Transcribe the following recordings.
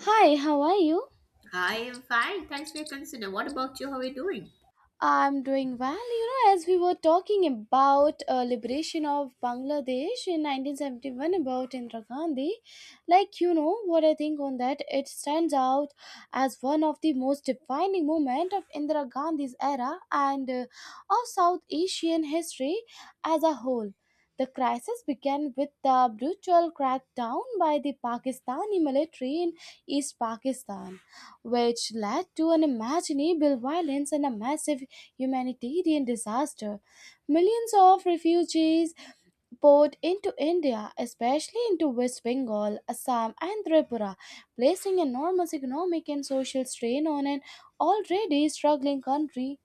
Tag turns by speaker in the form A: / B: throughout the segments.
A: Hi, how are you?
B: I am fine. Thanks for your concern. What about you? How are you doing?
A: I'm doing well. You know, as we were talking about liberation of Bangladesh in 1971 about Indira Gandhi, like you know what I think on that, it stands out as one of the most defining moment of Indira Gandhi's era and of South Asian history as a whole. The crisis began with the brutal crackdown by the Pakistani military in East Pakistan which led to unimaginable violence and a massive humanitarian disaster. Millions of refugees poured into India, especially into West Bengal, Assam, and Tripura, placing enormous economic and social strain on an already struggling country.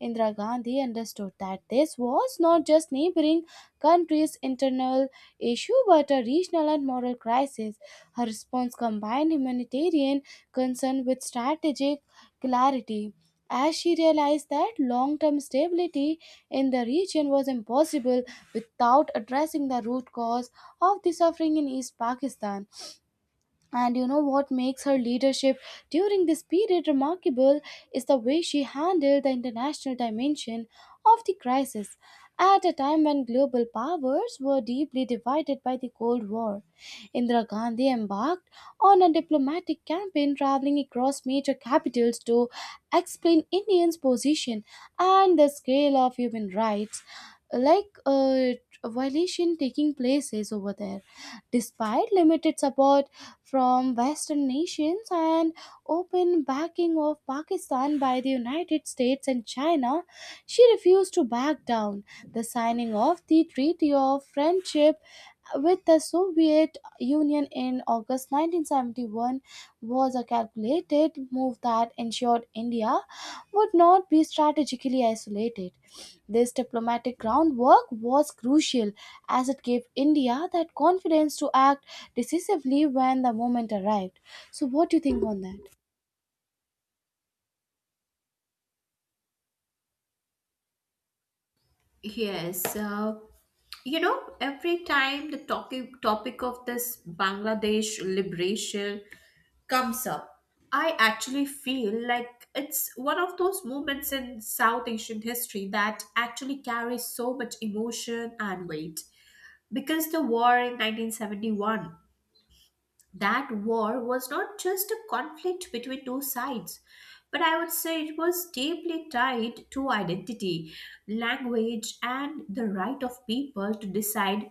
A: Indira Gandhi understood that this was not just neighboring countries' internal issue but a regional and moral crisis. Her response combined humanitarian concern with strategic clarity, as she realized that long term stability in the region was impossible without addressing the root cause of the suffering in East Pakistan. And you know what makes her leadership during this period remarkable is the way she handled the international dimension of the crisis at a time when global powers were deeply divided by the Cold War. Indira Gandhi embarked on a diplomatic campaign traveling across major capitals to explain Indians' position and the scale of human rights like uh, violation taking places over there despite limited support from western nations and open backing of Pakistan by the United States and China. She refused to back down. The signing of the treaty of friendship with the Soviet Union in August 1971 was a calculated move that ensured India would not be strategically isolated. This diplomatic groundwork was crucial as it gave India that confidence to act decisively when the moment arrived. So, what do you think on that?
B: Yes, you know, every time the topic of this Bangladesh liberation comes up, I actually feel like it's one of those moments in South Asian history that actually carries so much emotion and weight. Because the war in 1971, that war was not just a conflict between two sides, but I would say it was deeply tied to identity, language, and the right of people to decide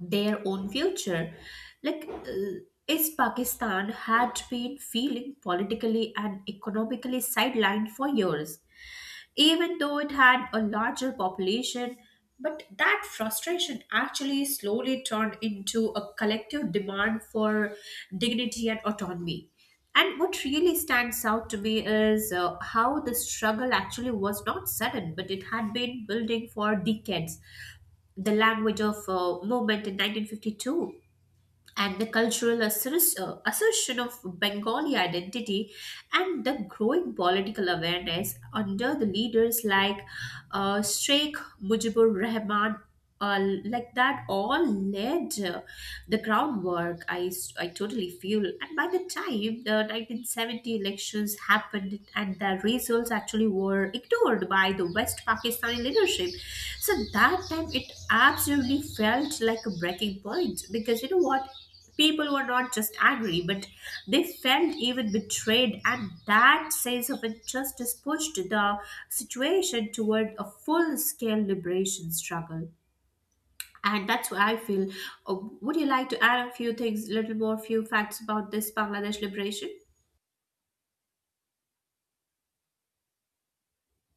B: their own future. Like, uh, is Pakistan had been feeling politically and economically sidelined for years even though it had a larger population. But that frustration actually slowly turned into a collective demand for dignity and autonomy. And what really stands out to me is how the struggle actually was not sudden, but it had been building for decades. The language of movement in 1952, and the assertion of Bengali identity, and the growing political awareness under the leaders like Sheikh Mujibur Rahman. Like that all led the groundwork I totally feel. And by the time the 1970 elections happened and the results actually were ignored by the West Pakistani leadership, so that time it absolutely felt like a breaking point, because you know what? People were not just angry, but they felt even betrayed, and that sense of injustice pushed the situation toward a full scale liberation struggle. And that's what I feel. Would you like to add a few things, little more, few facts about this Bangladesh liberation?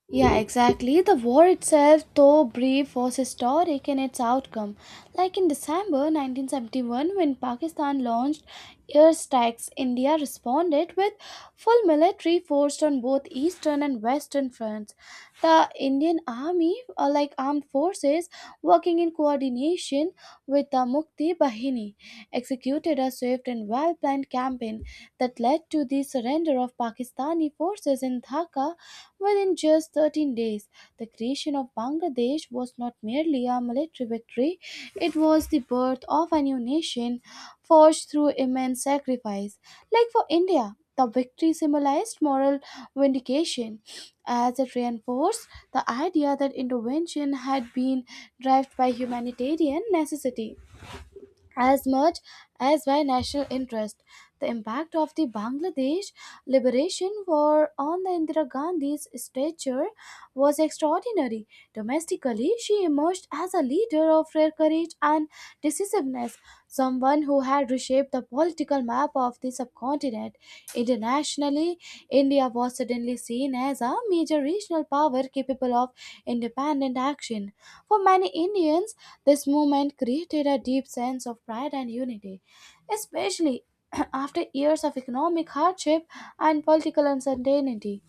A: Yeah, exactly. The war itself, though brief, was historic in its outcome. Like in December 1971, when Pakistan launched air strikes, India responded with full military force on both eastern and western fronts. The Indian army, like armed forces, working in coordination with the Mukti Bahini, executed a swift and well-planned campaign that led to the surrender of Pakistani forces in Dhaka. Within just 13 days, the creation of Bangladesh was not merely a military victory, it was the birth of a new nation forged through immense sacrifice. Like for India, the victory symbolized moral vindication as it reinforced the idea that intervention had been driven by humanitarian necessity as much as by national interest. The impact of the Bangladesh Liberation War on the Indira Gandhi's stature was extraordinary. Domestically, she emerged as a leader of rare courage and decisiveness, someone who had reshaped the political map of the subcontinent. Internationally, India was suddenly seen as a major regional power capable of independent action. For many Indians, this movement created a deep sense of pride and unity, especially after years of economic hardship and political uncertainty.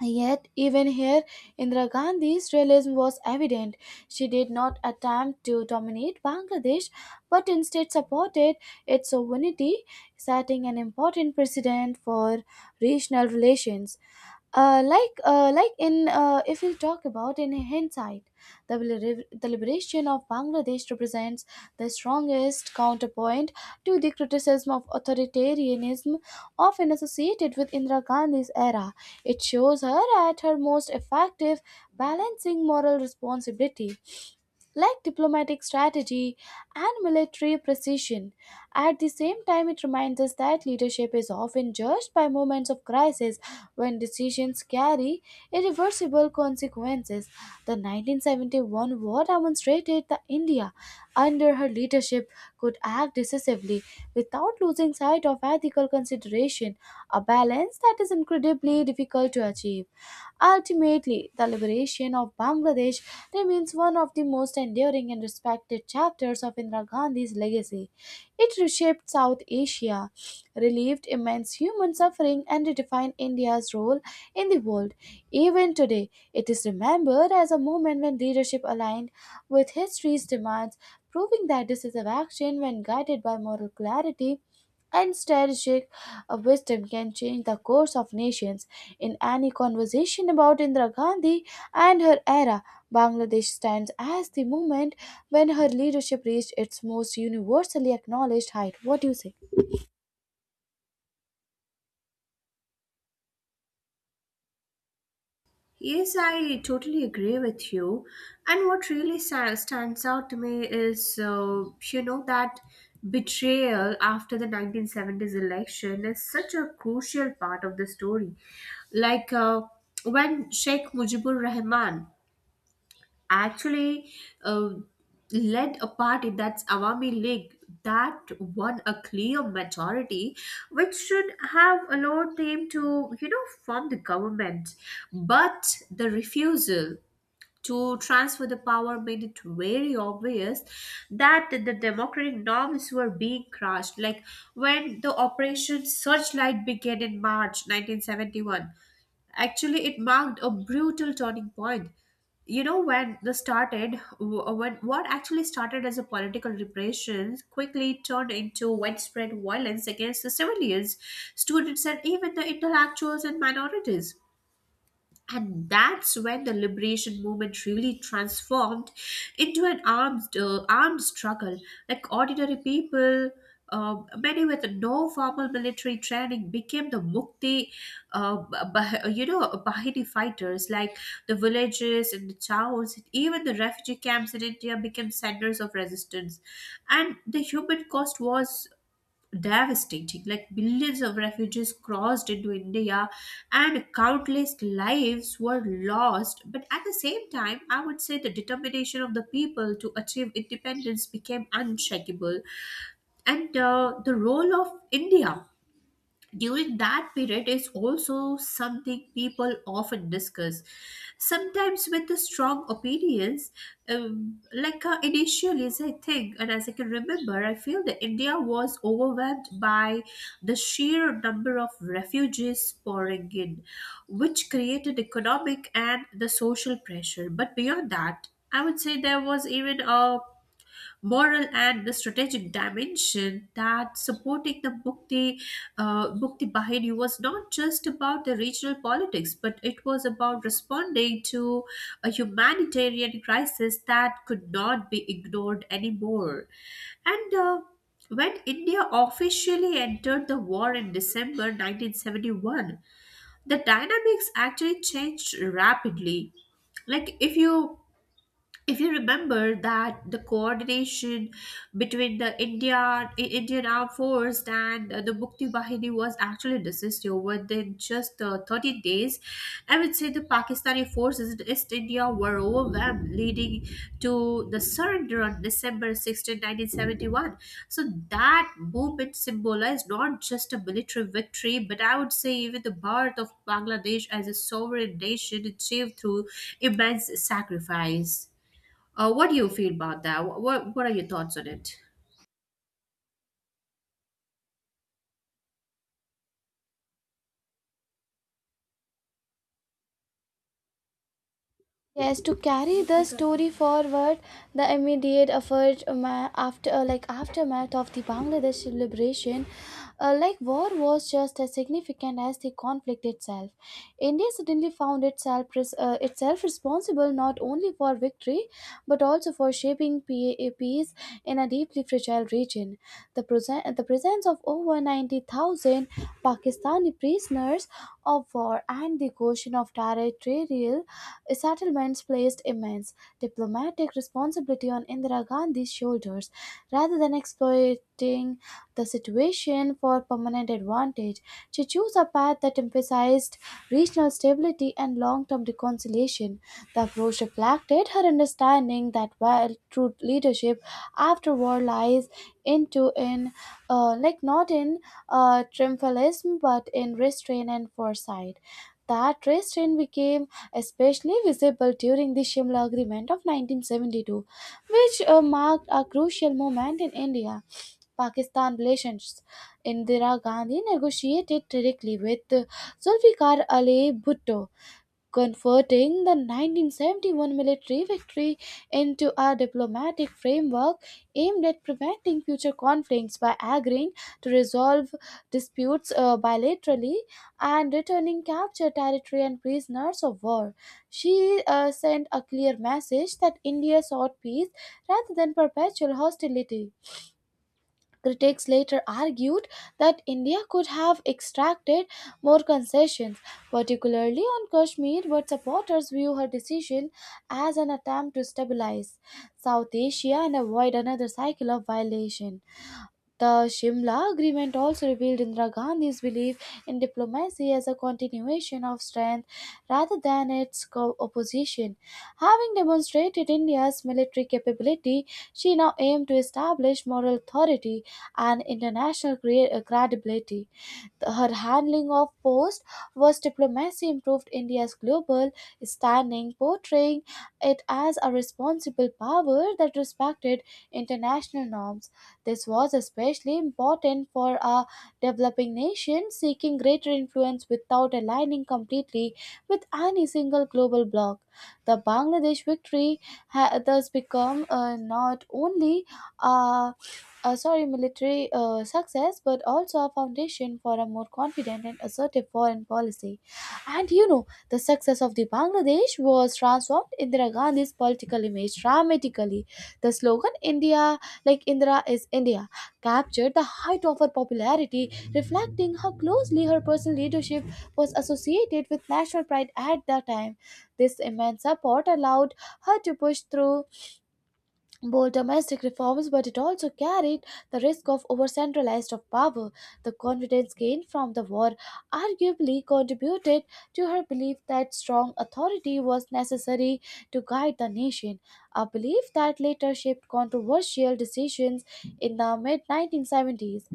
A: Yet, even here, Indira Gandhi's realism was evident. She did not attempt to dominate Bangladesh, but instead supported its sovereignty, setting an important precedent for regional relations. Like in If we talk about in hindsight, the liberation of Bangladesh represents the strongest counterpoint to the criticism of authoritarianism often associated with Indira Gandhi's era. It shows her at her most effective, balancing moral responsibility like diplomatic strategy and military precision. At the same time, it reminds us that leadership is often judged by moments of crisis when decisions carry irreversible consequences. The 1971 war demonstrated that India, under her leadership, could act decisively without losing sight of ethical consideration, a balance that is incredibly difficult to achieve. Ultimately, the liberation of Bangladesh remains one of the most enduring and respected chapters of Indira Gandhi's legacy. It reshaped South Asia, relieved immense human suffering, and redefined India's role in the world. Even today, it is remembered as a moment when leadership aligned with history's demands, proving that decisive action, when guided by moral clarity and strategic a wisdom can change the course of nations. In any conversation about Indira Gandhi and her era, Bangladesh stands as the moment when her leadership reached its most universally acknowledged height. What do you say?
B: Yes, I totally agree with you. And what really stands out to me is, you know, that betrayal after the 1970s election is such a crucial part of the story. Like uh, when Sheikh Mujibur Rahman actually uh, led a party, that's Awami League, that won a clear majority, which should have allowed them to, you know, form the government. But the refusal to transfer the power made it very obvious that the democratic norms were being crushed. Like when the Operation Searchlight began in March 1971. Actually, it marked a brutal turning point. You know, when this started, when what actually started as a political repression quickly turned into widespread violence against the civilians, students, and even the intellectuals and minorities, and that's when the liberation movement really transformed into an armed struggle. Like ordinary people, many with no formal military training, became the uh, you know, Bahini fighters. Like the villages and the towns, even the refugee camps in India, became centers of resistance. And the human cost was devastating, like billions of refugees crossed into India and countless lives were lost. But at the same time, I would say the determination of the people to achieve independence became unshakable. And the role of India during that period is also something people often discuss, sometimes with the strong opinions. Initially, as I think and as I can remember, I feel that India was overwhelmed by the sheer number of refugees pouring in, which created economic and the social pressure. But beyond that, I would say there was even a moral and the strategic dimension, that supporting the Mukti Bahini was not just about the regional politics, but it was about responding to a humanitarian crisis that could not be ignored anymore. And when India officially entered the war in December 1971, the dynamics actually changed rapidly. Like if you, if you remember that the coordination between the Indian Armed Force and the Mukti Bahini was actually necessary. Within just 30 days, I would say the Pakistani forces in East India were overwhelmed, leading to the surrender on December 16, 1971. So that movement symbolized not just a military victory, but I would say even the birth of Bangladesh as a sovereign nation achieved through immense sacrifice. What do you feel about that? What are your thoughts on it?
A: Yes, to carry the story forward, the immediate effort ma- after like aftermath of the Bangladesh liberation, like war was just as significant as the conflict itself. India suddenly found itself responsible not only for victory but also for shaping a peace in a deeply fragile region. The presence of over 90,000 Pakistani prisoners of war and the question of territorial settlements placed immense diplomatic responsibility on Indira Gandhi's shoulders rather than exploiting the situation for permanent advantage. She chose a path that emphasized regional stability and long term reconciliation. The approach reflected her understanding that while true leadership after war lies into in like not in triumphalism but in restraint and foresight. That restraint became especially visible during the Shimla Agreement of 1972, which marked a crucial moment in India Pakistan relations. Indira Gandhi negotiated directly with Zulfikar Ali Bhutto, converting the 1971 military victory into a diplomatic framework aimed at preventing future conflicts by agreeing to resolve disputes bilaterally and returning captured territory and prisoners of war. She sent a clear message that India sought peace rather than perpetual hostility. Critics later argued that India could have extracted more concessions, particularly on Kashmir, but supporters view her decision as an attempt to stabilize South Asia and avoid another cycle of violation. The Shimla Agreement also revealed Indira Gandhi's belief in diplomacy as a continuation of strength rather than its opposition. Having demonstrated India's military capability, she now aimed to establish moral authority and international credibility. Her handling of post was diplomacy improved India's global standing, portraying it as a responsible power that respected international norms. This was especially important for a developing nation seeking greater influence without aligning completely with any single global bloc. The Bangladesh victory thus become not only uh, sorry, military success, but also a foundation for a more confident and assertive foreign policy. And you know, the success of the Bangladesh was transformed Indira Gandhi's political image dramatically. The slogan "India like Indira is India" captured the height of her popularity, reflecting how closely her personal leadership was associated with national pride at the time. This immense support allowed her to push through bold domestic reforms, but it also carried the risk of over-centralized of power. The confidence gained from the war arguably contributed to her belief that strong authority was necessary to guide the nation, a belief that later shaped controversial decisions in the mid-1970s.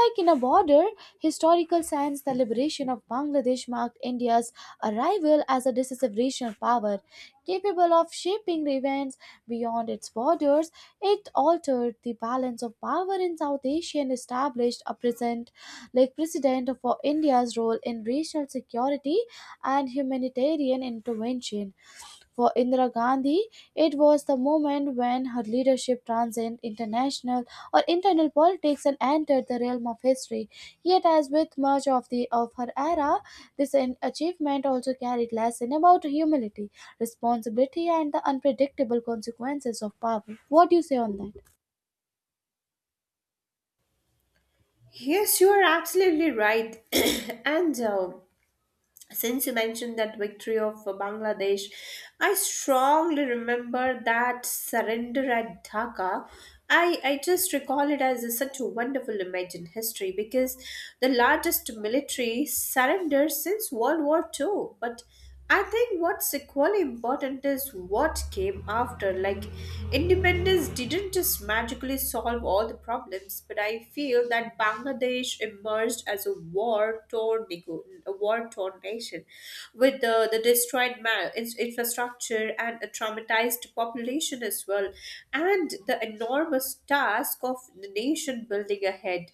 A: Like in a broader historical sense, the liberation of Bangladesh marked India's arrival as a decisive regional power, capable of shaping events beyond its borders. It altered the balance of power in South Asia and established a present, like precedent for India's role in regional security and humanitarian intervention. For Indira Gandhi, it was the moment when her leadership transcended international or internal politics and entered the realm of history. Yet, as with much of the of her era, this achievement also carried lesson about humility, responsibility, and the unpredictable consequences of power. What do you say on that?
B: Yes, you are absolutely right. And since you mentioned that victory of Bangladesh, I strongly remember that surrender at Dhaka. I just recall it as such a wonderful image in history, because the largest military surrender since World War Two. But I think what's equally important is what came after. Like, independence didn't just magically solve all the problems, but I feel that Bangladesh emerged as a a war-torn nation, with the infrastructure and a traumatized population as well, and the enormous task of the nation building ahead.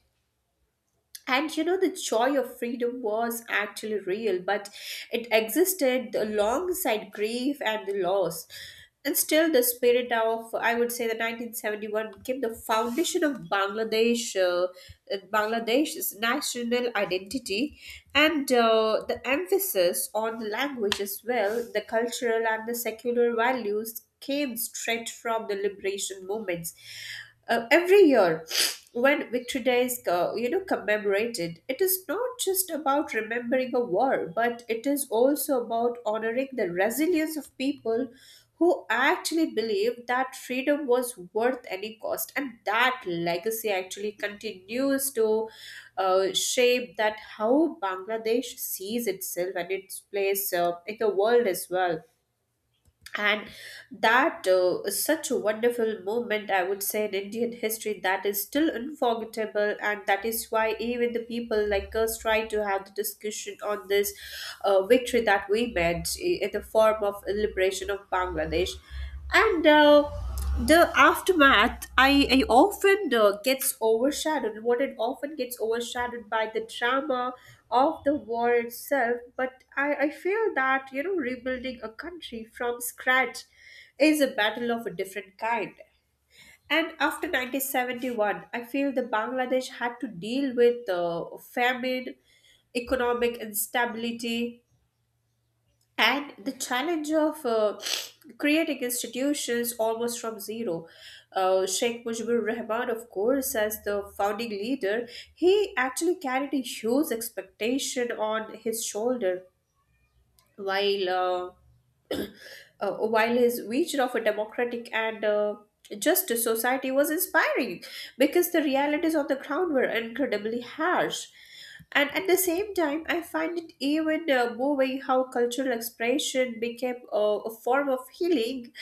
B: And you know, the joy of freedom was actually real, but it existed alongside grief and the loss. And still, the spirit of, I would say, the 1971 became the foundation of Bangladesh's national identity. And the emphasis on the language as well, the cultural and the secular values, came straight from the liberation movements. Every year when Victory Day is, you know, commemorated, it is not just about remembering a war, but it is also about honoring the resilience of people who actually believed that freedom was worth any cost. And that legacy actually continues to shape that how Bangladesh sees itself and its place in the world as well. And that is such a wonderful moment, I would say, in Indian history that is still unforgettable, and that is why even the people like us try to have the discussion on this victory that we made, in the form of liberation of Bangladesh. And the aftermath, I often gets overshadowed, what it often gets overshadowed by the drama of the war itself. But I feel that, you know, rebuilding a country from scratch is a battle of a different kind. And after 1971, I feel the Bangladesh had to deal with famine, economic instability, and the challenge of creating institutions almost from zero. Sheikh Mujibur Rahman, of course, as the founding leader, he actually carried a huge expectation on his shoulder. While while his vision of a democratic and just a society was inspiring, because the realities on the ground were incredibly harsh. And at the same time, I find it even moving how cultural expression became a form of healing,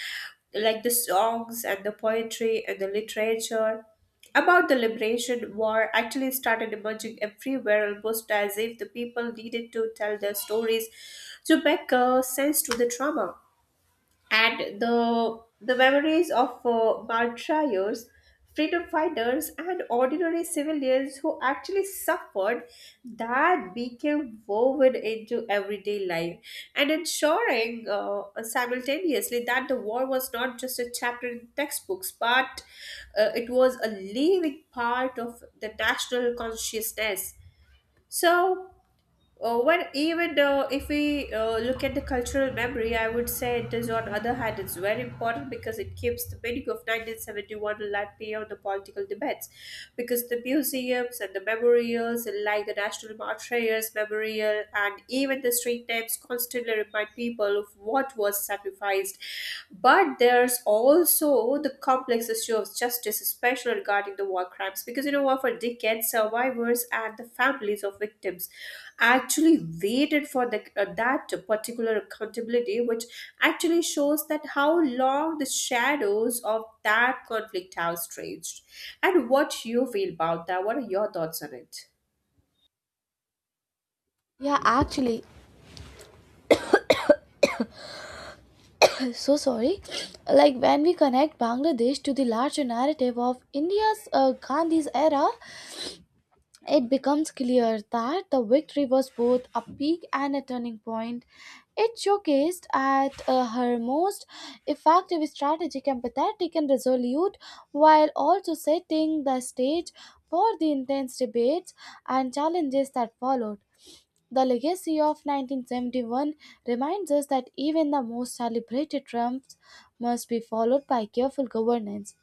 B: like the songs and the poetry and the literature about the liberation war actually started emerging everywhere, almost as if the people needed to tell their stories to make sense to the trauma. And the memories of martyrs, freedom fighters, and ordinary civilians who actually suffered, that became woven into everyday life, and ensuring simultaneously that the war was not just a chapter in textbooks, but it was a living part of the national consciousness. So well, even if we look at the cultural memory, I would say it is, on other hand, it's very important because it keeps the meaning of 1971 alive beyond the political debates. Because the museums and the memorials, like the National Martyrs Memorial and even the street names, constantly remind people of what was sacrificed. But there's also the complex issue of justice, especially regarding the war crimes, because you know what, for decades, survivors and the families of victims actually waited for the, that particular accountability, which actually shows that how long the shadows of that conflict have stretched. And what you feel about that? What are your thoughts on it?
A: Yeah, actually, so sorry. Like when we connect Bangladesh to the larger narrative of India's Gandhi's era, it becomes clear that the victory was both a peak and a turning point. It showcased at her most effective strategic, empathetic, and resolute, while also setting the stage for the intense debates and challenges that followed. The legacy of 1971 reminds us that even the most celebrated triumphs must be followed by careful governance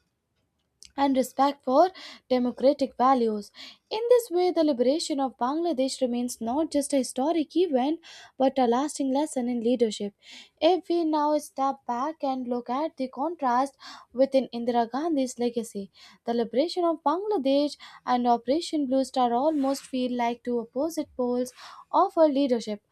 A: and respect for democratic values. In this way, the liberation of Bangladesh remains not just a historic event but a lasting lesson in leadership. If we now step back and look at the contrast within Indira Gandhi's legacy, the liberation of Bangladesh and Operation Blue Star almost feel like two opposite poles of her leadership.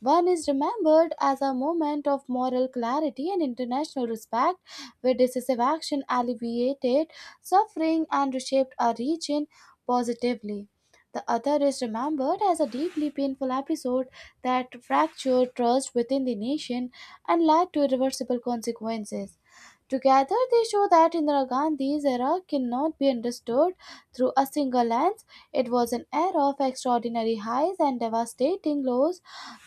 A: One is remembered as a moment of moral clarity and international respect, where decisive action alleviated suffering and reshaped our region positively. The other is remembered as a deeply painful episode that fractured trust within the nation and led to irreversible consequences. Together, they show that Indira Gandhi's era cannot be understood through a single lens. It was an era of extraordinary highs and devastating lows,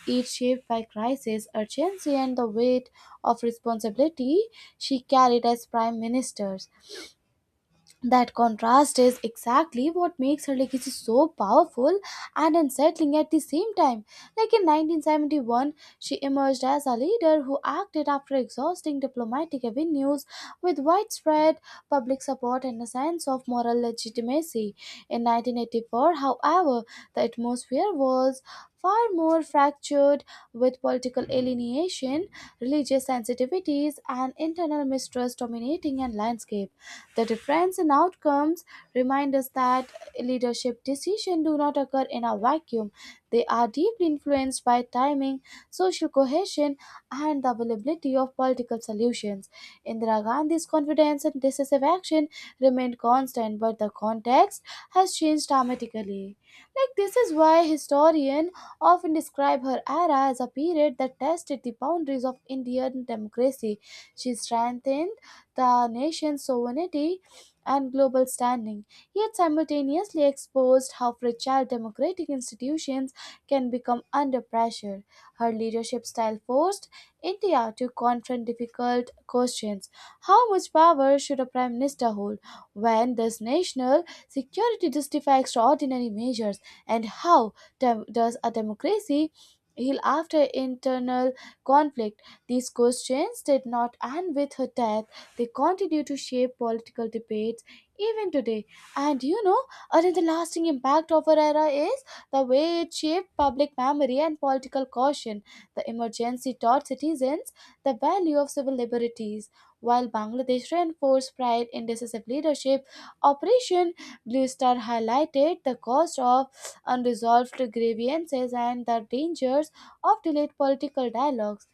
A: each shaped by crisis, urgency, and the weight of responsibility she carried as prime minister. That contrast is exactly what makes her legacy so powerful and unsettling at the same time. Like in 1971, she emerged as a leader who acted after exhausting diplomatic avenues with widespread public support and a sense of moral legitimacy. In 1984, however, the atmosphere was far more fractured with political alienation, religious sensitivities, and internal mistrust dominating a landscape. The difference in outcomes remind us that leadership decisions do not occur in a vacuum. They are deeply influenced by timing, social cohesion, and the availability of political solutions. Indira Gandhi's confidence and decisive action remained constant, but the context has changed dramatically. Like this is why historians often describe her era as a period that tested the boundaries of Indian democracy. She strengthened the nation's sovereignty and global standing, yet simultaneously exposed how fragile democratic institutions can become under pressure. Her leadership style forced India to confront difficult questions. How much power should a prime minister hold? When does national security justify extraordinary measures? And how does a democracy heal after internal conflict? These questions did not end with her death. They continue to shape political debates even today. And you know, Another lasting impact of our era is the way it shaped public memory and political caution. The emergency taught citizens the value of civil liberties. While Bangladesh reinforced pride in decisive leadership, Operation Blue Star highlighted the cost of unresolved grievances and the dangers of delayed political dialogues.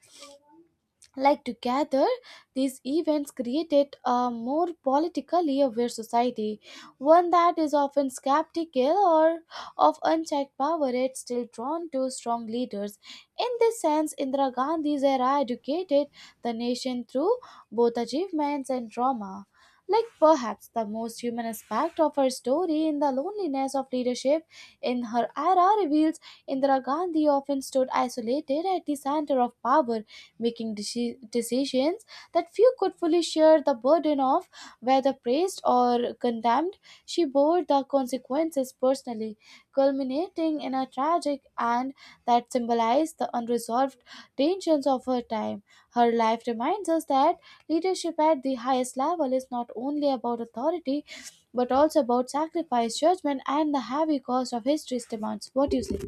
A: Like, together these events created a more politically aware society, one that is often skeptical or of unchecked power yet still drawn to strong leaders. In this sense, Indira Gandhi's era educated the nation through both achievements and trauma. Like, perhaps the most human aspect of her story in the loneliness of leadership in her era reveals Indira Gandhi often stood isolated at the center of power, making decisions that few could fully share the burden of, whether praised or condemned. She bore the consequences personally, culminating in a tragic end that symbolized the unresolved tensions of her time. Her life reminds us that leadership at the highest level is not only about authority but also about sacrifice, judgment, and the heavy cost of history's demands. What do you say?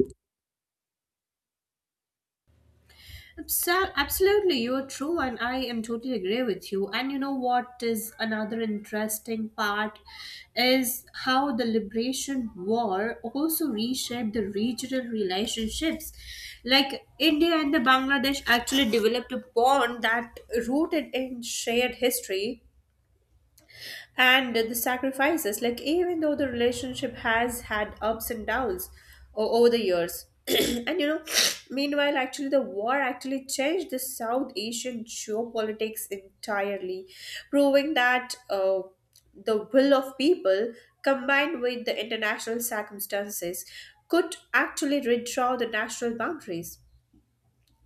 B: Absolutely, you are true, and I am totally agree with you. And you know what is another interesting part is how the liberation war also reshaped the regional relationships. Like India and the Bangladesh actually developed a bond that rooted in shared history and the sacrifices, like even though the relationship has had ups and downs over the years. And you know, meanwhile actually the war actually changed the South Asian geopolitics entirely, proving that the will of people combined with the international circumstances could actually redraw the national boundaries.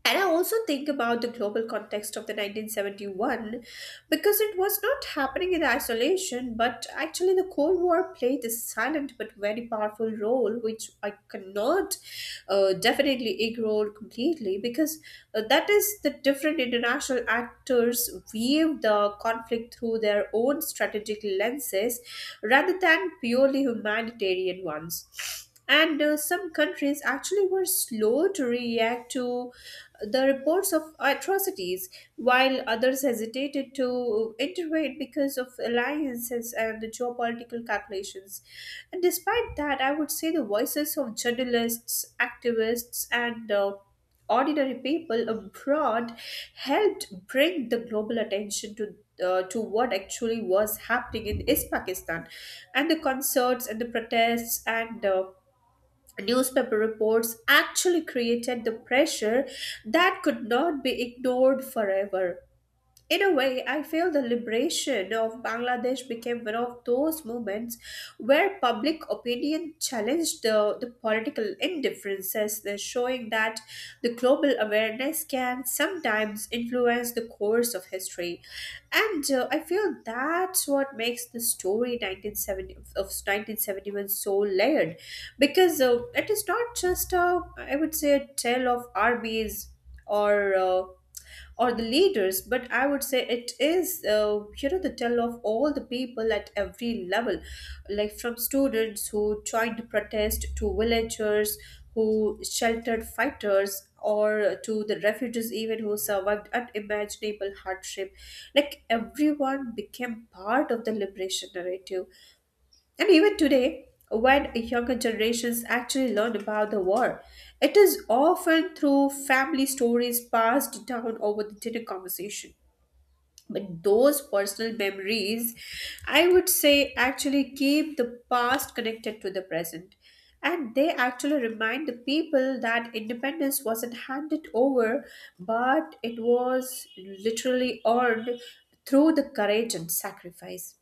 B: And I also think about the global context of the 1971, because it was not happening in isolation, but actually the Cold War played a silent but very powerful role, which I cannot definitely ignore completely, because that is the different international actors view the conflict through their own strategic lenses rather than purely humanitarian ones. And some countries actually were slow to react to the reports of atrocities, while others hesitated to intervene because of alliances and the geopolitical calculations. And despite that, I would say the voices of journalists, activists, and ordinary people abroad helped bring the global attention to to what actually was happening in East Pakistan, and the concerts and the protests and newspaper reports actually created the pressure that could not be ignored forever. In a way, I feel the liberation of Bangladesh became one of those moments where public opinion challenged the political indifferences, thus showing that the global awareness can sometimes influence the course of history. And I feel that's what makes the story of 1971 so layered because it is not just a, I would say, a tale of armies or. Uh, or the leaders, but I would say it is the tell of all the people at every level, like from students who joined to protest to villagers who sheltered fighters or to the refugees even who survived unimaginable hardship. Like everyone became part of the liberation narrative, and even today, when younger generations actually learn about the war, it is often through family stories passed down over the dinner conversation. But those personal memories, I would say, actually keep the past connected to the present. And they actually remind the people that independence wasn't handed over, but it was literally earned through the courage and sacrifice.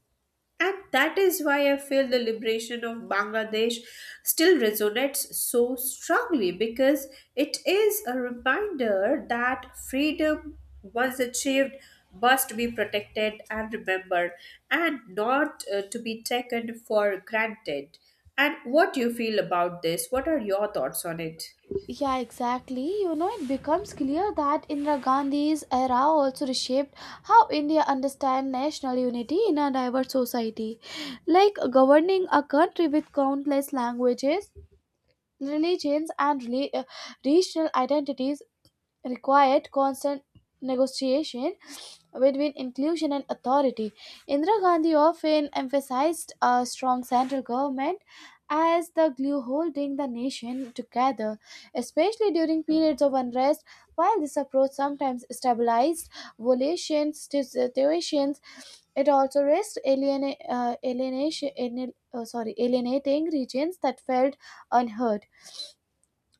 B: And that is why I feel the liberation of Bangladesh still resonates so strongly because it is a reminder that freedom, once achieved, must be protected and remembered and not to be taken for granted. And what do you feel about this? What are your thoughts on it?
A: Yeah, exactly. You know, it becomes clear that Indira Gandhi's era also reshaped how India understands national unity in a diverse society. Like governing a country with countless languages, religions, and regional identities required constant negotiation between inclusion and authority. Indira Gandhi often emphasized a strong central government as the glue holding the nation together, especially during periods of unrest. While this approach sometimes stabilized violations situations, it also risked alienation, sorry, alienating regions that felt unheard.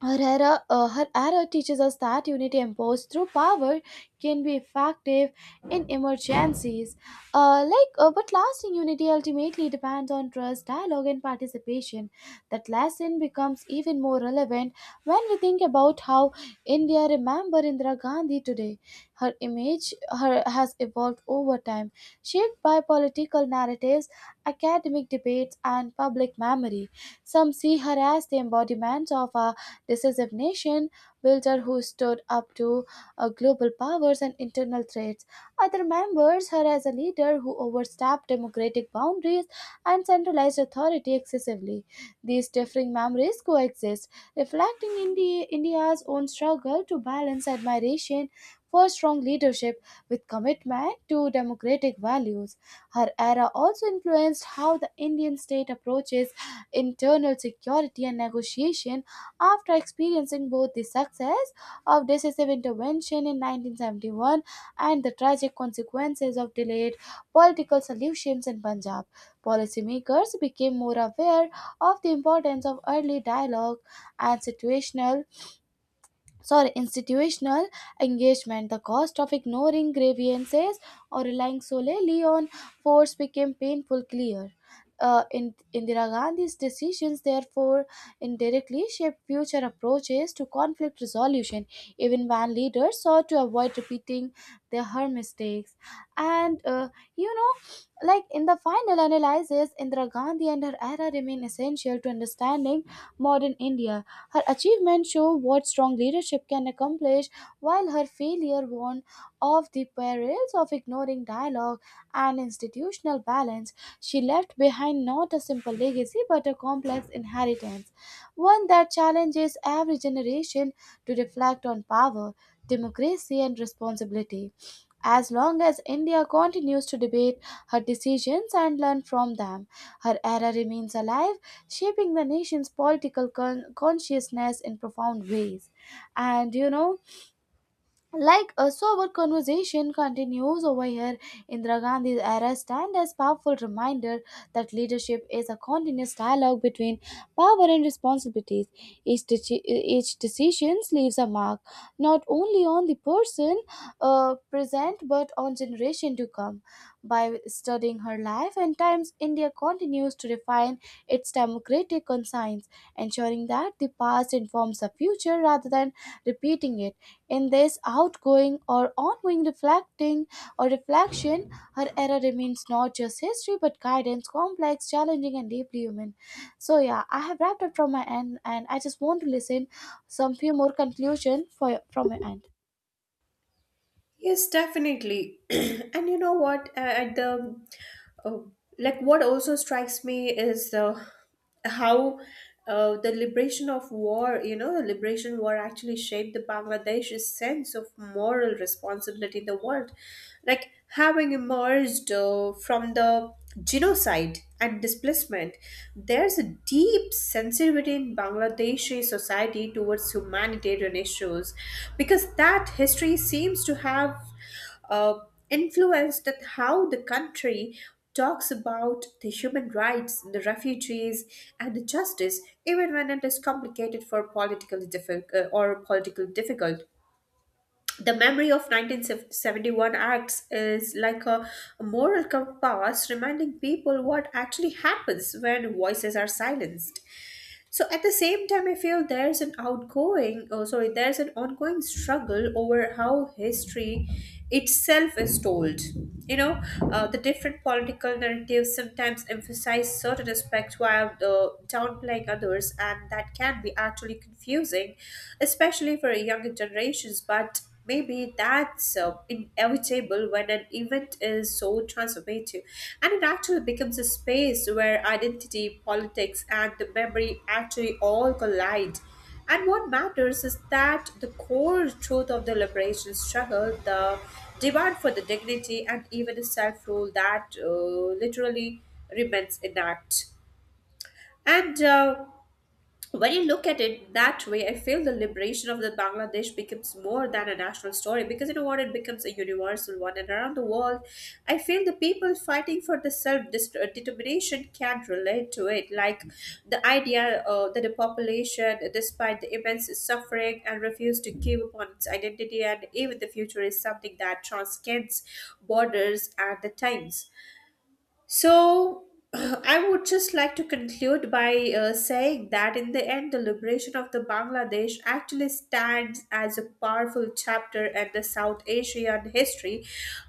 A: Her era teaches us that unity imposed through power can be effective in emergencies. But lasting unity ultimately depends on trust, dialogue, and participation. That lesson becomes even more relevant when we think about how India remembers Indira Gandhi today. Her image has evolved over time, shaped by political narratives, academic debates, and public memory. Some see her as the embodiment of a this is a nation builder who stood up to global powers and internal threats. Other members her as a leader who overstepped democratic boundaries and centralized authority excessively. These differing memories coexist, reflecting India's own struggle to balance admiration for strong leadership with commitment to democratic values. Her era also influenced how the Indian state approaches internal security and negotiation after experiencing both the success of decisive intervention in 1971 and the tragic consequences of delayed political solutions in Punjab. Policymakers became more aware of the importance of early dialogue and situational, sorry, institutional engagement. The cost of ignoring grievances or relying solely on force became painful clear, in Indira Gandhi's decisions, therefore, indirectly shaped future approaches to conflict resolution, even when leaders sought to avoid repeating their her mistakes. And uh, like, in the final analysis, Indira Gandhi and her era remain essential to understanding modern India. Her achievements show what strong leadership can accomplish, while her failure warned of the perils of ignoring dialogue and institutional balance. She left behind not a simple legacy but a complex inheritance, one that challenges every generation to reflect on power, democracy, and responsibility. As long as India continues to debate her decisions and learn from them, her era remains alive, shaping the nation's political consciousness in profound ways. And you know, like, a sober conversation continues over here. Indira Gandhi's era stand as powerful reminder that leadership is a continuous dialogue between power and responsibilities. Each decision leaves a mark, not only on the person present but on generation to come. By studying her life and times, India continues to refine its democratic conscience, ensuring that the past informs the future rather than repeating it. In this outgoing or ongoing reflecting or reflection, her era remains not just history but guidance, complex, challenging, and deeply human. So yeah, I have wrapped up from my end, and I just want to listen some few more conclusion for from my end.
B: Yes, definitely. And you know what? Oh, like what also strikes me is how the liberation war actually shaped the Bangladesh's sense of moral responsibility in the world. Like having emerged from the genocide and displacement, there's a deep sensitivity in Bangladeshi society towards humanitarian issues because that history seems to have uh, influenced that how the country talks about the human rights, the refugees, and the justice, even when it is complicated for politically difficult or politically difficult. The memory of 1971 acts is like a moral compass, reminding people what actually happens when voices are silenced. So at the same time, I feel there's an ongoing struggle over how history itself is told. You know, the different political narratives sometimes emphasize certain aspects while downplaying others, and that can be actually confusing, especially for younger generations. But maybe that's inevitable when an event is so transformative, and it actually becomes a space where identity, politics, and the memory actually all collide. And what matters is that the core truth of the liberation struggle, the demand for the dignity and even the self rule that literally remains intact. And when you look at it that way, I feel the liberation of the Bangladesh becomes more than a national story, because you know what, it becomes a universal one. And around the world, I feel the people fighting for the self determination can relate to it. Like the idea that the population, despite the immense suffering and refuse to give up on its identity and even the future, is something that transcends borders and the times. So, I would just like to conclude by saying that in the end, the liberation of the Bangladesh actually stands as a powerful chapter in the South Asian history,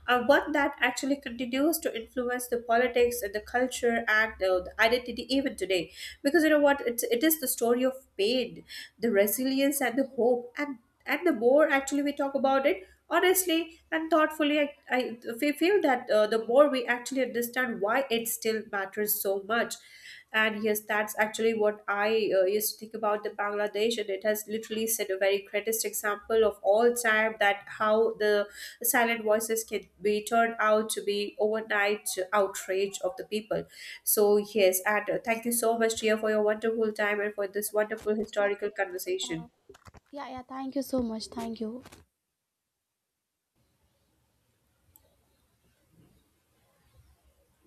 B: one that actually continues to influence the politics and the culture and the identity even today. Because you know what, it is the story of pain, the resilience, and the hope, and at the more actually we talk about it honestly and thoughtfully, I feel that the more we actually understand why it still matters so much. And yes, that's actually what I used to think about the Bangladesh, and it has literally set a very greatest example of all time, that how the silent voices can be turned out to be overnight outrage of the people. So yes, and thank you so much, Tia, for your wonderful time and for this wonderful
A: Yeah,
B: historical conversation.
A: yeah. Thank you so much. Thank you.